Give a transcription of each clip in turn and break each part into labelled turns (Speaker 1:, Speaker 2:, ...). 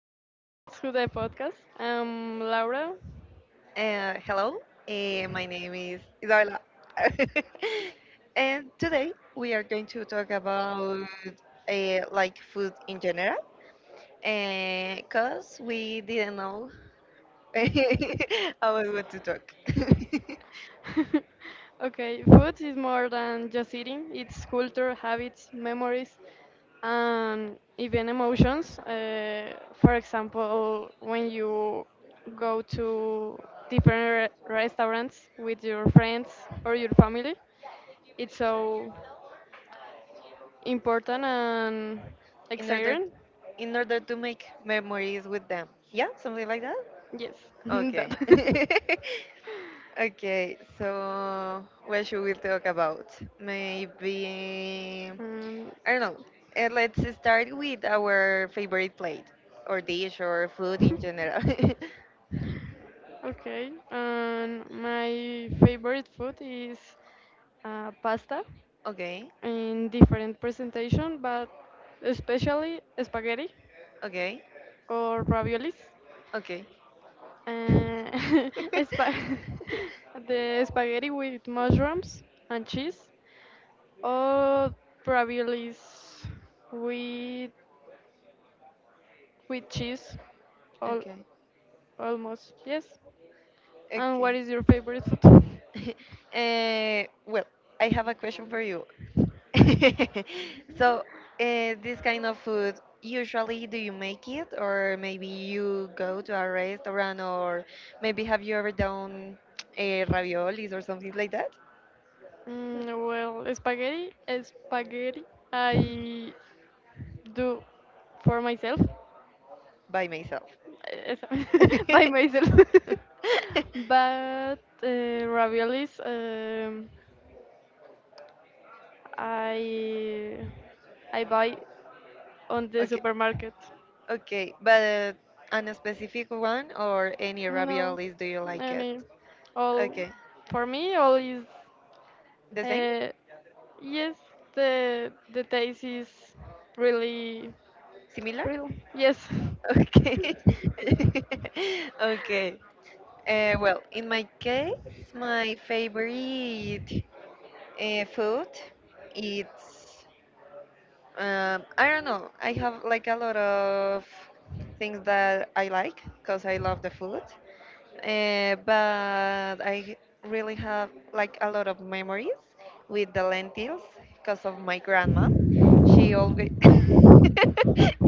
Speaker 1: Welcome back to the podcast. I'm Laura.
Speaker 2: Hello, my name is Isabella. And today we are going to talk about like food in general because we didn't know about what to talk
Speaker 1: Okay, food is more than just eating. It's culture, habits, memories, and even emotions. For example, when you go to restaurants with your friends or your family, it's so important and
Speaker 2: in order
Speaker 1: exciting.
Speaker 2: in order to make memories with them. Yeah, something like that.
Speaker 1: Yes,
Speaker 2: Okay.
Speaker 1: that.
Speaker 2: Okay, so what should we talk about? Maybe
Speaker 1: um,
Speaker 2: I don't know. Let's start with our favorite plate or dish or food in general.
Speaker 1: Okay, and my favorite food is pasta
Speaker 2: Okay,
Speaker 1: in different presentation, but especially spaghetti
Speaker 2: okay,
Speaker 1: or raviolis.
Speaker 2: okay.
Speaker 1: Uh, spa- the spaghetti with mushrooms and cheese, or raviolis with with cheese, all,
Speaker 2: Okay,
Speaker 1: almost yes. And what
Speaker 2: okay.
Speaker 1: is your favorite food?
Speaker 2: Well, I have a question for you. So, this kind of food, usually do you make it or maybe you go to a restaurant or maybe have you ever done uh, raviolis or something like that
Speaker 1: Mm, well, spaghetti, I do for myself.
Speaker 2: by myself?
Speaker 1: Eso. By myself. But raviolis, I I buy on the
Speaker 2: Okay,
Speaker 1: supermarket.
Speaker 2: okay, but on a specific one or any
Speaker 1: No,
Speaker 2: raviolis, do you like it?
Speaker 1: any, all
Speaker 2: Okay,
Speaker 1: for me, all is
Speaker 2: the same,
Speaker 1: uh, yes. The taste is really
Speaker 2: similar.
Speaker 1: real. Yes,
Speaker 2: Okay, okay. Well, in my case, my favorite food, it's I don't know. I have like a lot of things that I like because I love the food. But I really have like a lot of memories with the lentils because of my grandma. She always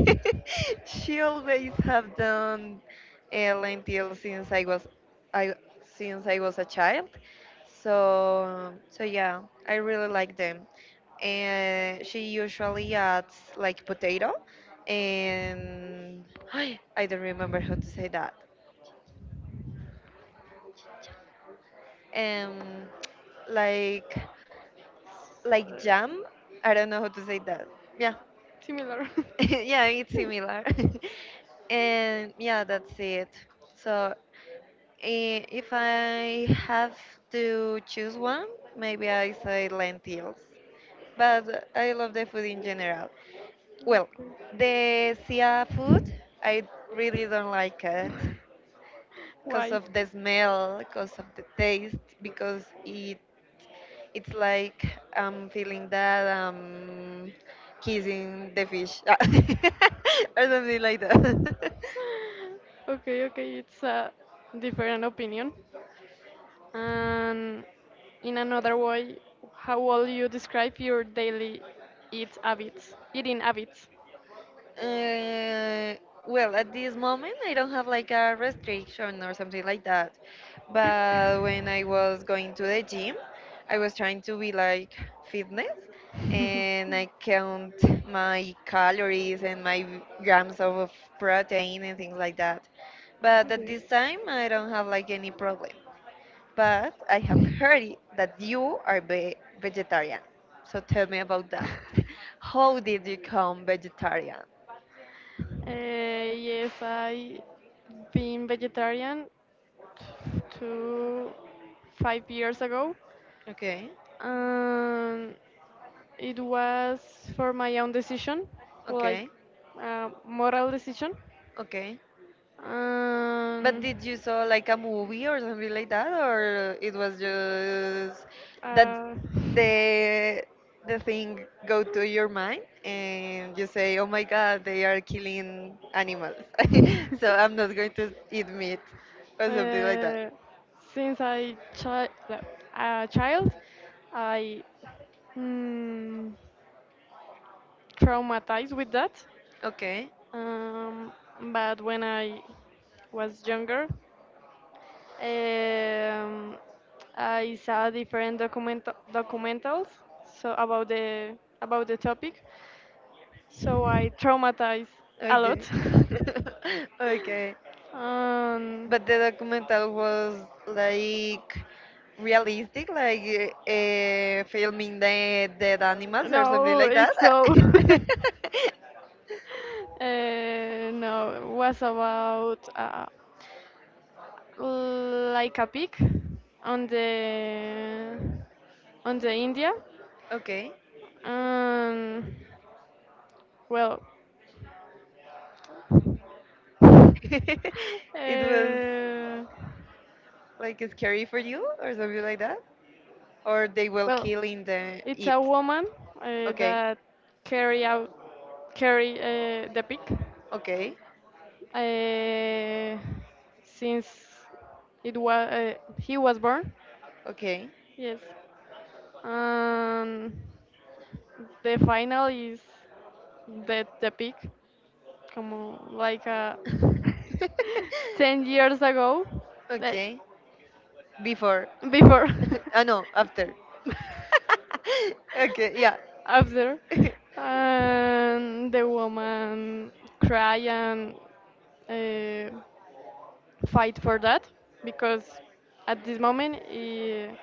Speaker 2: she always have done lentils since I was I since I was a child. So yeah, I really like them. And she usually adds like potato and I don't remember how to say that. um like jam, I don't know how to say that. Yeah.
Speaker 1: similar.
Speaker 2: Yeah, it's similar. And yeah, that's it. So if I have to choose one, maybe I say lentils, but I love the food in general. Well, the sea food, I really don't like it because
Speaker 1: Why?
Speaker 2: of the smell, because of the taste, because it's like I'm feeling that kissing the fish or something like that.
Speaker 1: Okay, okay, it's a different opinion. And in another way, how will you describe your daily eat habits, eating habits?
Speaker 2: Uh, well, at this moment, I don't have like a restriction or something like that. But when I was going to the gym, I was trying to be like fitness, and I count my calories and my grams of protein and things like that. But at
Speaker 1: Yes.
Speaker 2: this time, I don't have like any problem. But I have heard that you are vegetarian. So tell me about that. How did you become vegetarian?
Speaker 1: Yes, I been vegetarian to 5 years ago,
Speaker 2: Okay,
Speaker 1: and it was for my own decision, like
Speaker 2: okay,
Speaker 1: moral decision.
Speaker 2: okay. But
Speaker 1: and
Speaker 2: did you saw like a movie or something like that, or it was just that
Speaker 1: uh,
Speaker 2: the the thing go to your mind and you say, "Oh my God, they are killing animals," so I'm not going to eat
Speaker 1: Uh,
Speaker 2: meat or something like that.
Speaker 1: since I chi- like, a child, I mm, traumatized with that.
Speaker 2: Okay,
Speaker 1: Um, but when I was younger, um, I saw different documentals so about the topic. So I traumatized a lot.
Speaker 2: okay. Okay.
Speaker 1: um,
Speaker 2: But the documental was like realistic, like filming the dead animals or something
Speaker 1: No,
Speaker 2: like that.
Speaker 1: it's so. No, it was about like a pig on the India.
Speaker 2: Okay.
Speaker 1: Um, well, uh,
Speaker 2: It was like scary for you or something like that? Or they were
Speaker 1: well,
Speaker 2: killing the
Speaker 1: it's
Speaker 2: it.
Speaker 1: a woman
Speaker 2: Okay.
Speaker 1: that carry out carry the pig
Speaker 2: Okay.
Speaker 1: uh, since it was he was born.
Speaker 2: Okay.
Speaker 1: Yes. Um, the final is the peak, como like ten years ago, that
Speaker 2: Okay. Before.
Speaker 1: before,
Speaker 2: Ah no, after. Okay, yeah.
Speaker 1: after, and the woman cry and uh, fight for that because at this moment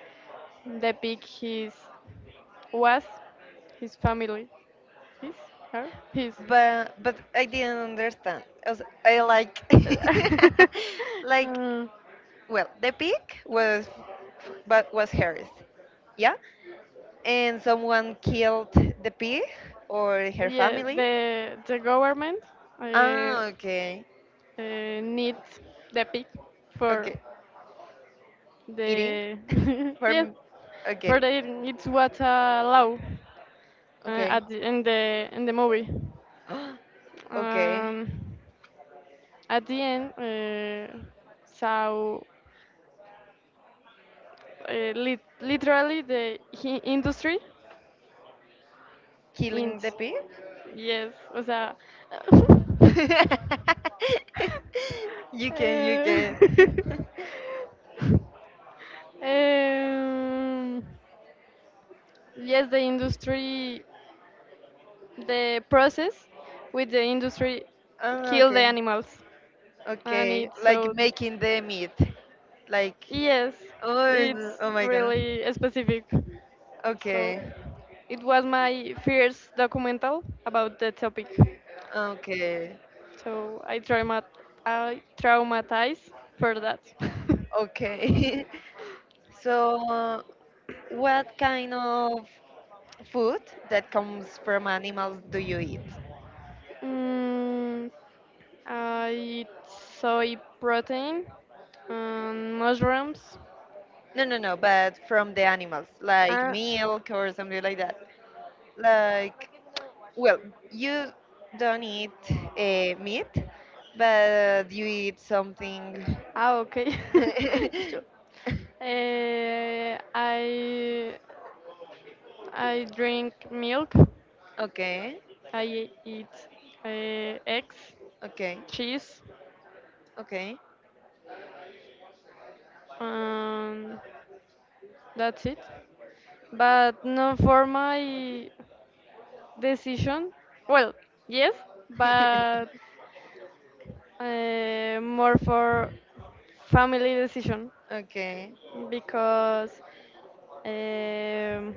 Speaker 1: the peak his was his family, his her his.
Speaker 2: But I didn't understand. I like like,
Speaker 1: Uh,
Speaker 2: well, the pig was but was hers. Yeah, and someone killed the pig or her
Speaker 1: yeah,
Speaker 2: family.
Speaker 1: the government uh,
Speaker 2: Ah, okay,
Speaker 1: needs the pig for
Speaker 2: okay. Eating
Speaker 1: the
Speaker 2: for
Speaker 1: yes,
Speaker 2: m-
Speaker 1: for
Speaker 2: okay,
Speaker 1: the it's what a law
Speaker 2: okay,
Speaker 1: at the, in the in the movie.
Speaker 2: okay.
Speaker 1: Um, at the end, so literally the hi industry in
Speaker 2: Killing the pig.
Speaker 1: yes, o sea,
Speaker 2: you can, you can.
Speaker 1: eh, Um, yes, the industry, the process with the industry
Speaker 2: Oh,
Speaker 1: kill the
Speaker 2: okay,
Speaker 1: animals, and
Speaker 2: okay.
Speaker 1: it's
Speaker 2: Like
Speaker 1: so
Speaker 2: making the meat. Like,
Speaker 1: yes,
Speaker 2: oh, no,
Speaker 1: it's
Speaker 2: oh my God.
Speaker 1: really specific. So
Speaker 2: Okay,
Speaker 1: it was my first documental about the topic.
Speaker 2: okay,
Speaker 1: So I traumatized for that.
Speaker 2: okay. So, what kind of food that comes from animals do you eat?
Speaker 1: mm, I eat soy protein and mushrooms.
Speaker 2: No, no, no, but from the animals, like
Speaker 1: Uh,
Speaker 2: milk or something like that. Like, well, you don't eat meat, but you eat something.
Speaker 1: Ah, okay. Yo- eh, I I drink milk.
Speaker 2: Okay,
Speaker 1: I eat uh, eggs,
Speaker 2: okay,
Speaker 1: cheese.
Speaker 2: okay,
Speaker 1: Um, that's it. But not for my decision. Well, yes, but more for family decision
Speaker 2: okay.
Speaker 1: because um,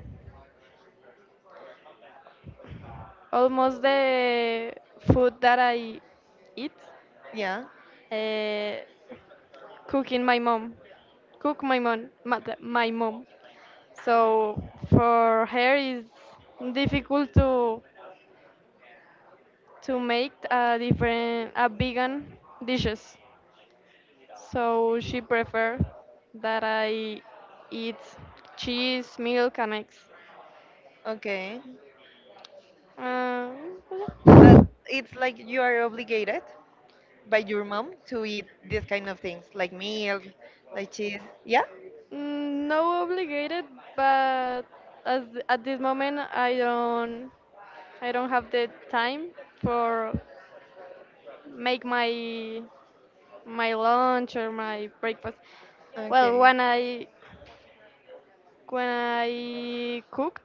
Speaker 1: almost the food that I eat,
Speaker 2: Yeah,
Speaker 1: uh, cooking my mom, cook my mom, my mom. So for her it's difficult to make a different a vegan dishes. So she prefer that I eat cheese, milk, and eggs.
Speaker 2: okay.
Speaker 1: Uh,
Speaker 2: But
Speaker 1: yeah.
Speaker 2: it's like you are obligated by your mom to eat these kind of things, like milk, like cheese. Yeah.
Speaker 1: Mm, no obligated, but as at this moment I don't have the time for make my my lunch or my breakfast. Well,
Speaker 2: Okay.
Speaker 1: when I cook,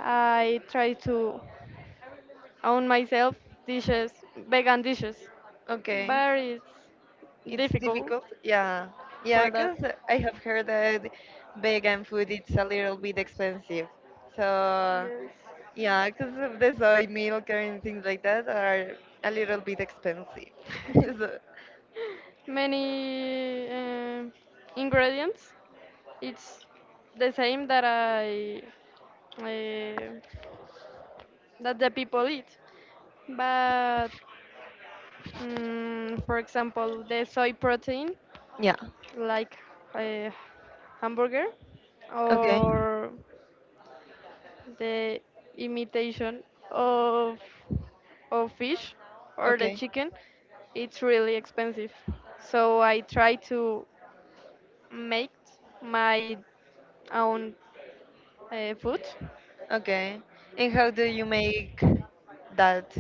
Speaker 1: I try to own myself dishes, vegan dishes,
Speaker 2: Okay.
Speaker 1: but it's
Speaker 2: It's
Speaker 1: difficult
Speaker 2: difficult, yeah. Yeah,
Speaker 1: for that.
Speaker 2: because I have heard that vegan food it's a little bit expensive. So,
Speaker 1: Yes.
Speaker 2: yeah, because of the soy milk and things like that are a little bit expensive. So,
Speaker 1: many ingredients. It's the same that I uh, that the people eat, but for example, the soy protein,
Speaker 2: yeah.
Speaker 1: like uh, hamburger,
Speaker 2: Okay.
Speaker 1: or the imitation of of fish or the
Speaker 2: Okay.
Speaker 1: chicken, it's really expensive. So I try to make my own food.
Speaker 2: Okay. And how do you make that?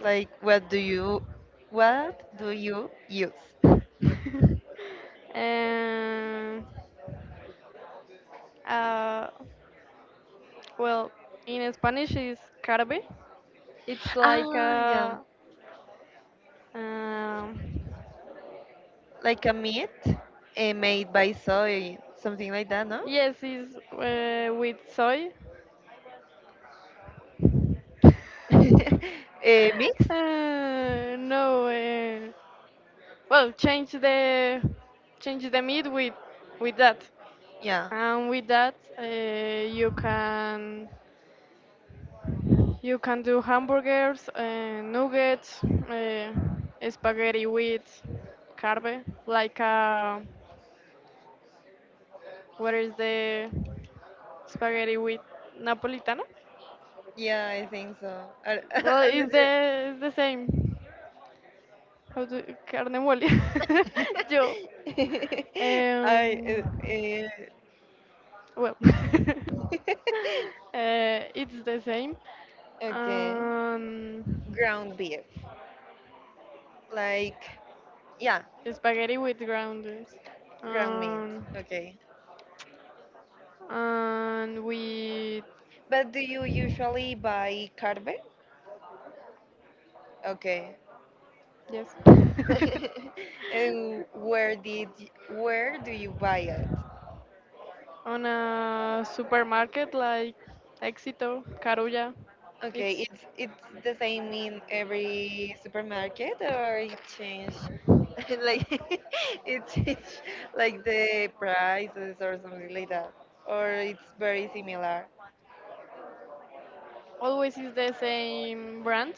Speaker 2: Like, what do you use?
Speaker 1: and uh, well, in Spanish is carbe. It's like
Speaker 2: Ah, yeah.
Speaker 1: a um,
Speaker 2: Like a meat, made by soy, something like that, no?
Speaker 1: yes, it's with soy.
Speaker 2: Eh, mix?
Speaker 1: No, well, change the meat with that,
Speaker 2: Yeah.
Speaker 1: and with that you can you can do hamburgers, nuggets, uh, spaghetti with carne, like what is the spaghetti with napolitana?
Speaker 2: Yeah, I think so. I,
Speaker 1: Well,
Speaker 2: I'm not sure.
Speaker 1: it's the same. How do carne mole? Yo,
Speaker 2: I uh,
Speaker 1: um,
Speaker 2: uh,
Speaker 1: well, it's the same.
Speaker 2: okay.
Speaker 1: Um,
Speaker 2: Ground beef, like yeah,
Speaker 1: spaghetti with groundings.
Speaker 2: ground meat.
Speaker 1: Um,
Speaker 2: Okay,
Speaker 1: and we
Speaker 2: but do you usually buy carve? Okay,
Speaker 1: yes,
Speaker 2: and where do you buy it?
Speaker 1: on a supermarket like Éxito, Carulla.
Speaker 2: Okay,
Speaker 1: It's
Speaker 2: it's the same in every supermarket, or it change, like it change like the prices or something like that, or it's very similar.
Speaker 1: always is the same brand,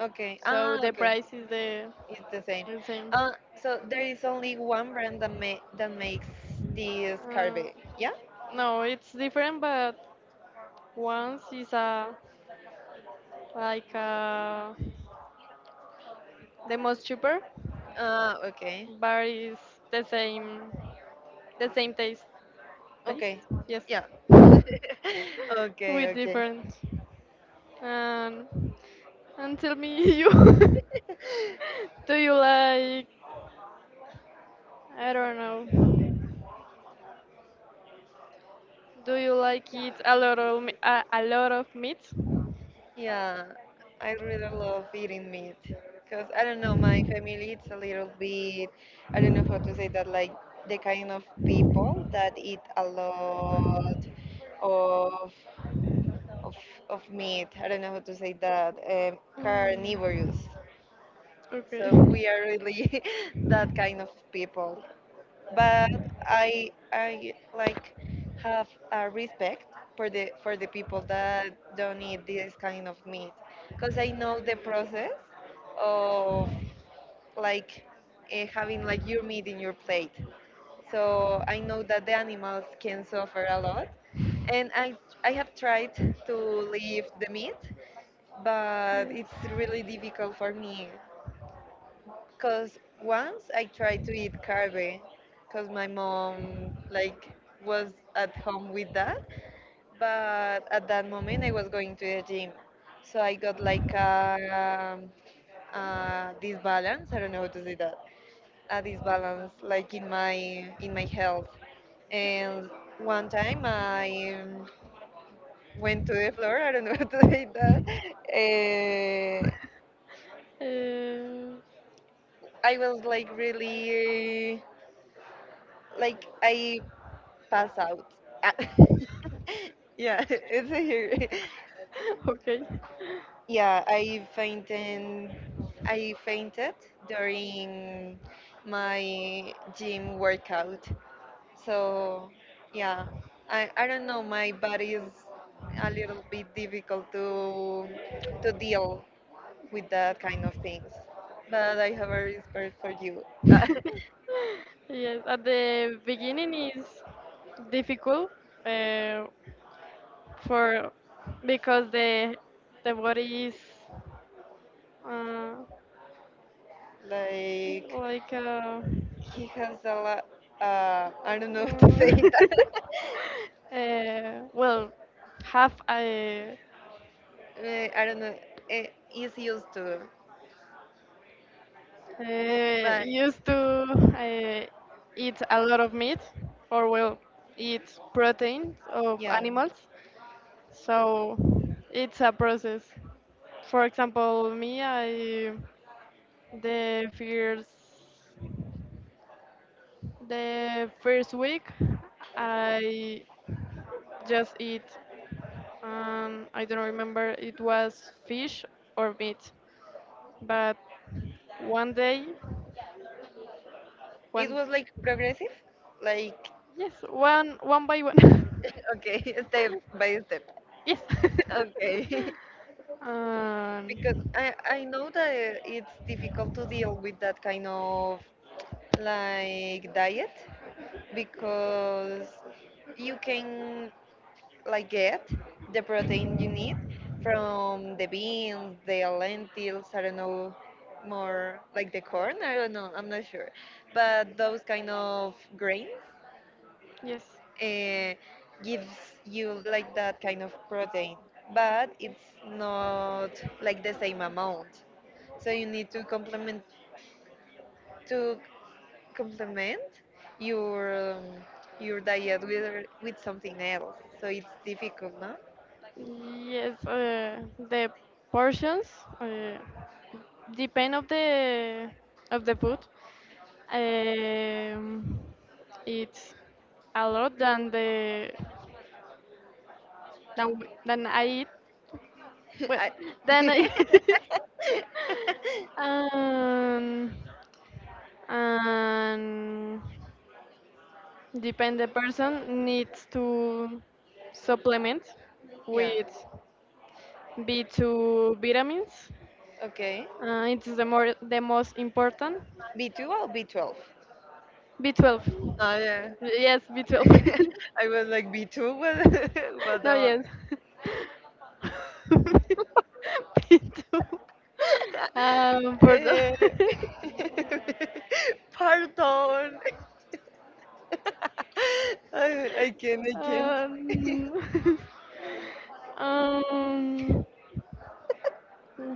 Speaker 2: Okay,
Speaker 1: so
Speaker 2: ah,
Speaker 1: the
Speaker 2: okay,
Speaker 1: price is
Speaker 2: it's the same.
Speaker 1: the same.
Speaker 2: So there is only one brand that ma that makes this carve,
Speaker 1: Uh,
Speaker 2: yeah?
Speaker 1: no, it's different, but once is a like a, the most cheaper,
Speaker 2: Ah, okay,
Speaker 1: but is the same the same taste. Taste?
Speaker 2: okay,
Speaker 1: Yes,
Speaker 2: yeah.
Speaker 1: with
Speaker 2: Okay, okay.
Speaker 1: different. and and tell me you do you like, I don't know, do you like eat a lot of a lot of meat?
Speaker 2: Yeah, I really love eating meat because I don't know, my family it's a little bit, I don't know how to say that, like the kind of people that eat a lot of of, of meat. I don't know how to say that, carnivorous.
Speaker 1: Mm, okay.
Speaker 2: So we are really that kind of people, but I like have a respect for the people that don't eat this kind of meat because I know the process of like having like your meat in your plate. So I know that the animals can suffer a lot, and I have tried to leave the meat, but it's really difficult for me. Cause once I tried to eat carve, cause my mom like was at home with that. But at that moment I was going to the gym, so I got like a disbalance. I don't know how to say that. A disbalance like in my health. And one time I went to the floor. I don't know how to say that. Uh,
Speaker 1: Uh,
Speaker 2: I was like really like I pass out. Ah, yeah, it's here.
Speaker 1: okay.
Speaker 2: Yeah, I fainted. I fainted during my gym workout. So, yeah, I don't know. My body is a little bit difficult to deal with that kind of things. But I have a respect for you.
Speaker 1: yes, at the beginning is difficult uh, for because the body is uh,
Speaker 2: Like
Speaker 1: like
Speaker 2: he has a lot. I don't know how to say
Speaker 1: Mm.
Speaker 2: that.
Speaker 1: Well, have I
Speaker 2: I don't know, eh, is used to. Like,
Speaker 1: used to eat a lot of meat, or well, eat proteins of
Speaker 2: yeah,
Speaker 1: animals. So it's a process. For example, me, I the first the first week I just eat. I don't remember it was fish or meat, but one day,
Speaker 2: it
Speaker 1: one
Speaker 2: was like progressive, like
Speaker 1: yes, one one by one.
Speaker 2: okay, step by step.
Speaker 1: yes.
Speaker 2: Okay, because
Speaker 1: um,
Speaker 2: I know that it's difficult to deal with that kind of like diet because you can like get the protein you need from the beans, the lentils, I don't know, more like the corn, I don't know, I'm not sure. But those kind of grains
Speaker 1: yes.
Speaker 2: uh, gives you like that kind of protein, but it's not like the same amount. So you need to complement your your diet with something else. So it's difficult, no?
Speaker 1: Yes. The portions uh, depend of the food. Um, it's a lot than than, than I eat. Well,
Speaker 2: I
Speaker 1: than I. um, and depend the person needs to supplement
Speaker 2: yeah.
Speaker 1: with B2 vitamins.
Speaker 2: Okay.
Speaker 1: It's the most important.
Speaker 2: B2 or B12?
Speaker 1: B12.
Speaker 2: Ah yeah.
Speaker 1: Yes, B12.
Speaker 2: I was like B2, but but
Speaker 1: No, yes. B2. For the
Speaker 2: eh, pardon. I can't.
Speaker 1: um, um,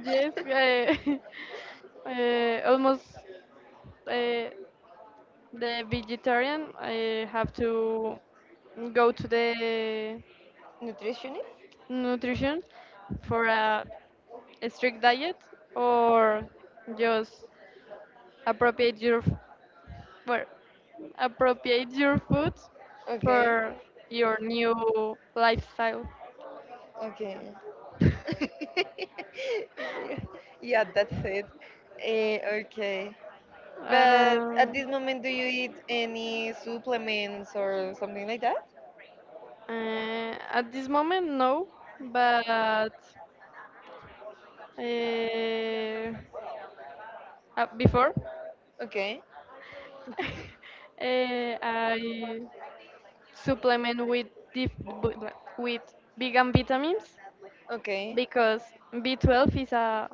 Speaker 1: yes, I, almost uh, the vegetarian have to go to the
Speaker 2: Nutritionist?
Speaker 1: nutrition for a strict diet or just appropriate your f- well, appropriate your food
Speaker 2: Okay.
Speaker 1: for your new lifestyle.
Speaker 2: Okay. Yeah, that's it. Eh, okay. But at
Speaker 1: um,
Speaker 2: this moment, do you eat any supplements or something like that?
Speaker 1: at this moment no, but before
Speaker 2: Okay,
Speaker 1: I supplement with dif- bu- with vegan vitamins
Speaker 2: okay,
Speaker 1: because B12 is a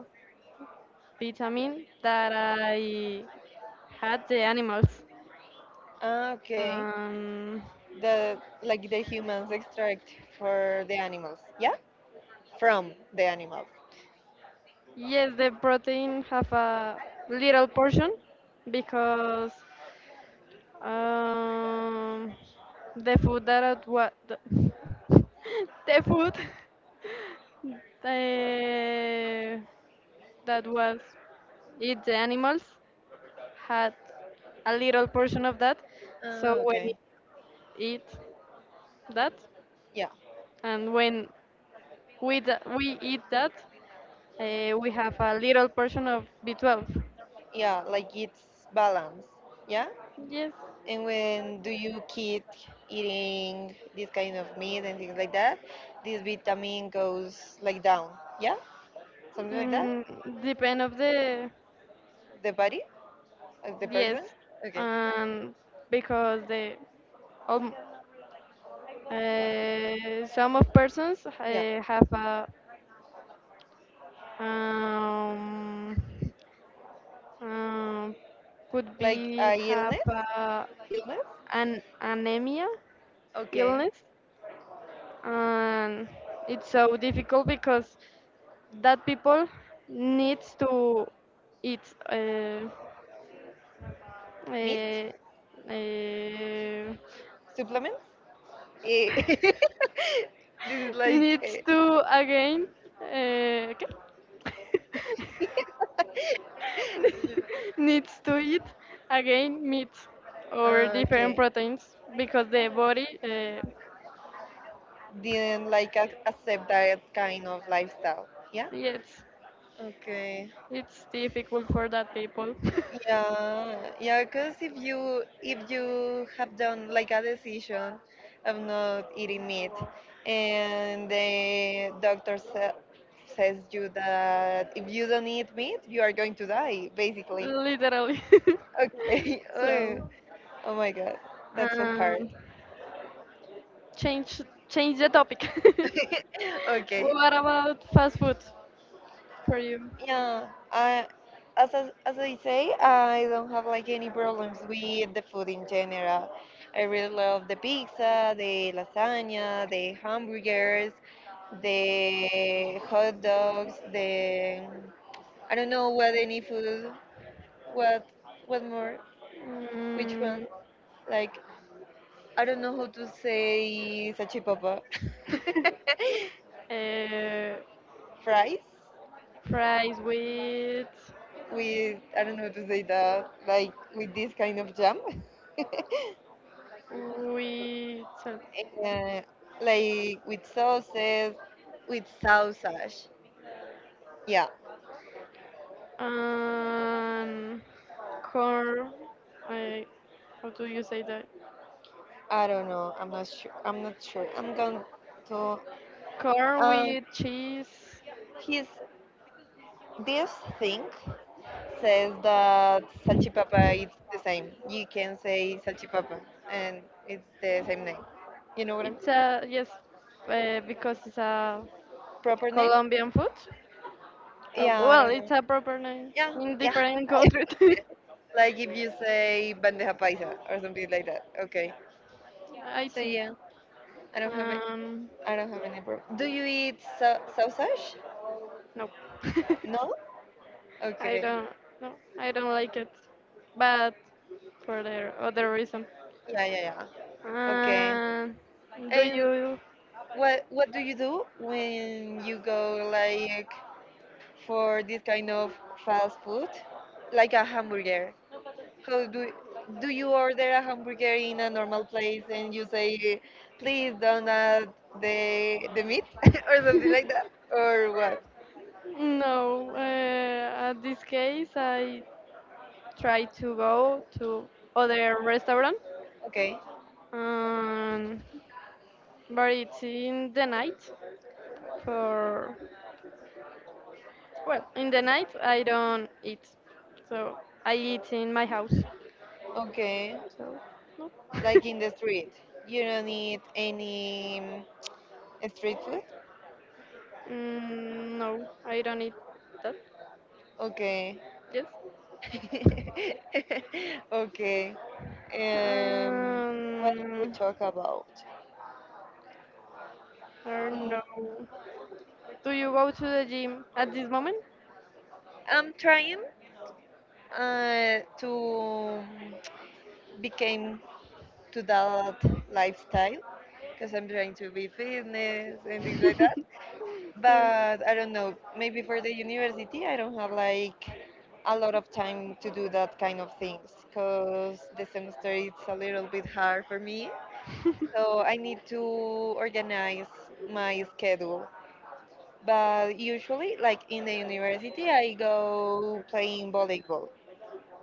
Speaker 1: vitamin that I had the animals.
Speaker 2: ah, okay.
Speaker 1: Um,
Speaker 2: The like the humans extract for the animals, yeah, from the animals.
Speaker 1: yes, the protein have a little portion because um, the food that what the the food the, that was eat the animals had a little portion of that. So
Speaker 2: Ah,
Speaker 1: when
Speaker 2: okay,
Speaker 1: it eat that,
Speaker 2: yeah,
Speaker 1: and when we eat that, we have a little portion of B12.
Speaker 2: yeah. Like it's balance, yeah.
Speaker 1: Yes,
Speaker 2: And when do you keep eating this kind of meat and things like that, this vitamin goes like down, yeah, something like that.
Speaker 1: mm, depend of the
Speaker 2: The body of the
Speaker 1: yes,
Speaker 2: person. Okay,
Speaker 1: and because the um, some of persons
Speaker 2: yeah.
Speaker 1: have a um, um, could
Speaker 2: Like
Speaker 1: be
Speaker 2: a
Speaker 1: have
Speaker 2: illness,
Speaker 1: a
Speaker 2: illness.
Speaker 1: an anemia
Speaker 2: Okay.
Speaker 1: illness, and it's so difficult because that people needs to eat
Speaker 2: Meat,
Speaker 1: uh, uh,
Speaker 2: supplements. Eh, this is like
Speaker 1: needs
Speaker 2: eh,
Speaker 1: to again uh, okay? Needs to eat again meat or
Speaker 2: ah,
Speaker 1: different
Speaker 2: okay.
Speaker 1: proteins because the body
Speaker 2: Didn't like accept that kind of lifestyle. Yeah.
Speaker 1: yes,
Speaker 2: Okay.
Speaker 1: it's difficult for that people.
Speaker 2: Yeah, yeah, because if you have done like a decision of not eating meat, and the doctor sa says you that if you don't eat meat, you are going to die, basically.
Speaker 1: Literally.
Speaker 2: Okay.
Speaker 1: So,
Speaker 2: Oh, oh my God, that's so hard.
Speaker 1: um, change change the topic.
Speaker 2: Okay.
Speaker 1: What about fast food for you?
Speaker 2: Yeah, as I say, I don't have like any problems with the food in general. I really love the pizza, the lasagna, the hamburgers, the hot dogs, the I don't know what any food, what what more, which one?
Speaker 1: Mm,
Speaker 2: Like I don't know how to say sachipapa.
Speaker 1: uh,
Speaker 2: Fries
Speaker 1: fries with
Speaker 2: with I don't know how to say that, like with this kind of jam.
Speaker 1: with sal-
Speaker 2: uh, like with sauces, with sausage. Yeah,
Speaker 1: um, corn. I, how do you say that?
Speaker 2: I don't know. I'm not sure. I'm not sure. I'm going to.
Speaker 1: Corn
Speaker 2: Um,
Speaker 1: with cheese.
Speaker 2: his This thing says that salchipapa is the same. You can say salchipapa, and it's the same name. You know what I mean?
Speaker 1: It's a yes, because it's a
Speaker 2: Proper name?
Speaker 1: Colombian food. Oh,
Speaker 2: Yeah, I
Speaker 1: well,
Speaker 2: don't know.
Speaker 1: it's a proper name
Speaker 2: Yeah,
Speaker 1: in
Speaker 2: yeah.
Speaker 1: different countries,
Speaker 2: Yeah. Like if you say bandeja paisa or something like that. Okay.
Speaker 1: I
Speaker 2: So
Speaker 1: think.
Speaker 2: yeah, I don't have I
Speaker 1: Um,
Speaker 2: don't have any problem. Do you eat sausage?
Speaker 1: no,
Speaker 2: No?
Speaker 1: I
Speaker 2: Okay.
Speaker 1: don't. No, I don't like it. But for the other reason.
Speaker 2: Yeah, yeah, yeah. Okay.
Speaker 1: Uh, do
Speaker 2: And
Speaker 1: you
Speaker 2: what do you do when you go like for this kind of fast food, like a hamburger? How do do you order a hamburger in a normal place and you say, please don't add the meat or something like that, or what?
Speaker 1: No. At this case, I try to go to other restaurant,
Speaker 2: Okay.
Speaker 1: um, but it's in the night for Well, in the night I don't eat, so I eat in my house.
Speaker 2: Okay.
Speaker 1: So no,
Speaker 2: Like in the street, you don't need any. Street food?
Speaker 1: mm, no, I don't eat that.
Speaker 2: Okay.
Speaker 1: Yes.
Speaker 2: Okay. Um, what we
Speaker 1: Um,
Speaker 2: talk about?
Speaker 1: I don't
Speaker 2: Mm,
Speaker 1: know. Do you go to the gym at this moment?
Speaker 2: I'm trying to become to that lifestyle because I'm trying to be fitness and things like that.
Speaker 1: Yes.
Speaker 2: But I don't know. Maybe for the university, I don't have like a lot of time to do that kind of things because the semester is a little bit hard for me, so I need to organize my schedule. But usually, like in the university, I go playing volleyball.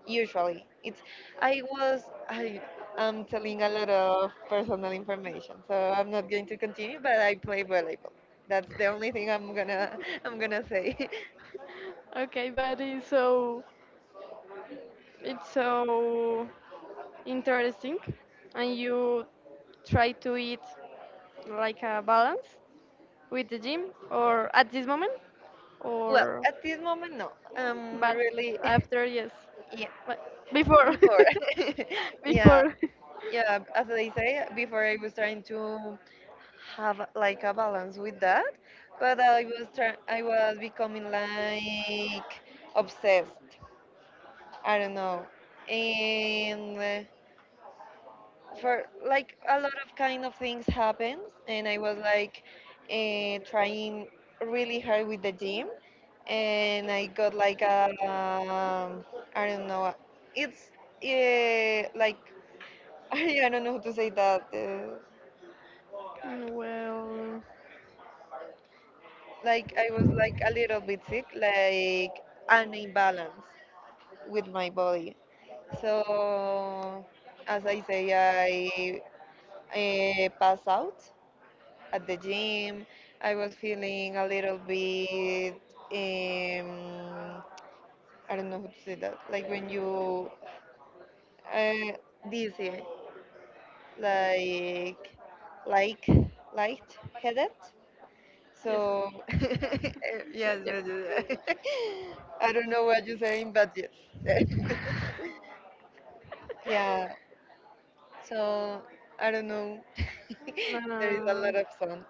Speaker 2: Usually, it's I was I am telling a lot of personal information, so I'm not going to continue. But I play volleyball. That's the only thing I'm gonna I'm gonna say.
Speaker 1: Okay, but it's so interesting, and you try to eat like a balance with the gym, or at this moment,
Speaker 2: Well,
Speaker 1: or
Speaker 2: at this moment, no. I'm
Speaker 1: but
Speaker 2: really
Speaker 1: after yes,
Speaker 2: yeah
Speaker 1: but before,
Speaker 2: before. Yeah,
Speaker 1: before.
Speaker 2: yeah as they say before, I was trying to have like a balance with that, but I was trying I was becoming like obsessed, I don't know, and for like a lot of kind of things happens, and I was like trying really hard with the gym, and I got like a I don't know, it's like I don't know how to say that
Speaker 1: Well,
Speaker 2: like I was like a little bit sick, like an imbalance with my body. So as I say, I passed out at the gym. I was feeling a little bit um, I don't know how to say that. Like when you uh, dizzy, like like light headed.
Speaker 1: yes.
Speaker 2: So
Speaker 1: Yeah,
Speaker 2: yes,
Speaker 1: yeah.
Speaker 2: yes, yes. Yes. I don't know what you're saying, but yes. Yeah. So I don't know. There is a
Speaker 1: Uh,
Speaker 2: lot of sun.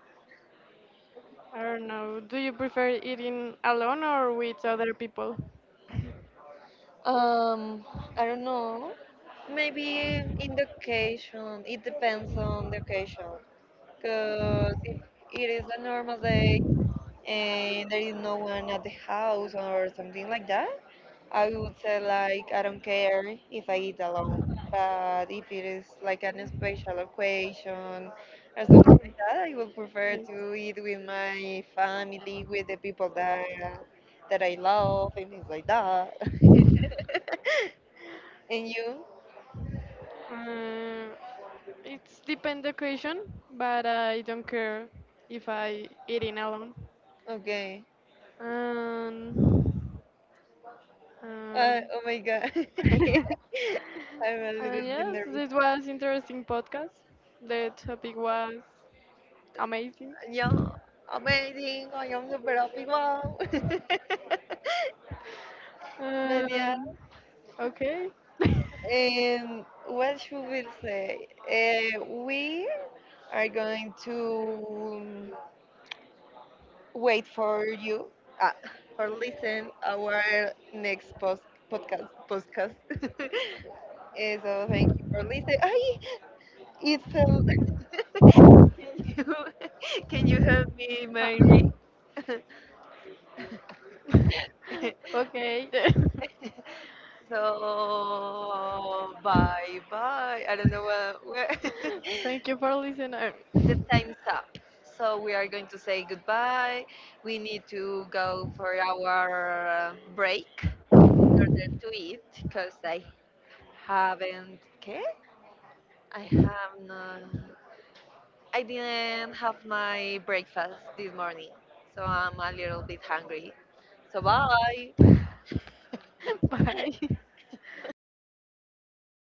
Speaker 1: I don't know. Do you prefer eating alone or with other people?
Speaker 2: Um, I don't know. Maybe in the occasion. It depends on the occasion. Because if it is a normal day and there is no one at the house or something like that, I would say like I don't care if I eat alone, but if it is like an special occasion or something like that, I would prefer
Speaker 1: Yes.
Speaker 2: to eat with my family, with the people that that I love, and things like that. And you?
Speaker 1: Uh, it's depend occasion, but I don't care if I eating alone.
Speaker 2: Okay.
Speaker 1: Um, Um,
Speaker 2: Oh my god. I'm a little
Speaker 1: and
Speaker 2: bit
Speaker 1: yes,
Speaker 2: nervous.
Speaker 1: this was interesting podcast. The topic was amazing.
Speaker 2: Yeah, amazing. I am super happy. Wow. But yeah.
Speaker 1: Um, okay.
Speaker 2: And what should we say? We are going to wait for you uh, for listen our next post podcast. Eh, so thank you for listening. Ay, it's you, can you help me,
Speaker 1: Ah.
Speaker 2: Mary?
Speaker 1: Okay.
Speaker 2: So bye. I don't know where. Where
Speaker 1: Thank you for listening.
Speaker 2: the time's up. So we are going to say goodbye. We need to go for our break in order to eat because I haven't. Okay? I have not. I didn't have my breakfast this morning, so I'm a little bit hungry. So bye.
Speaker 1: Bye.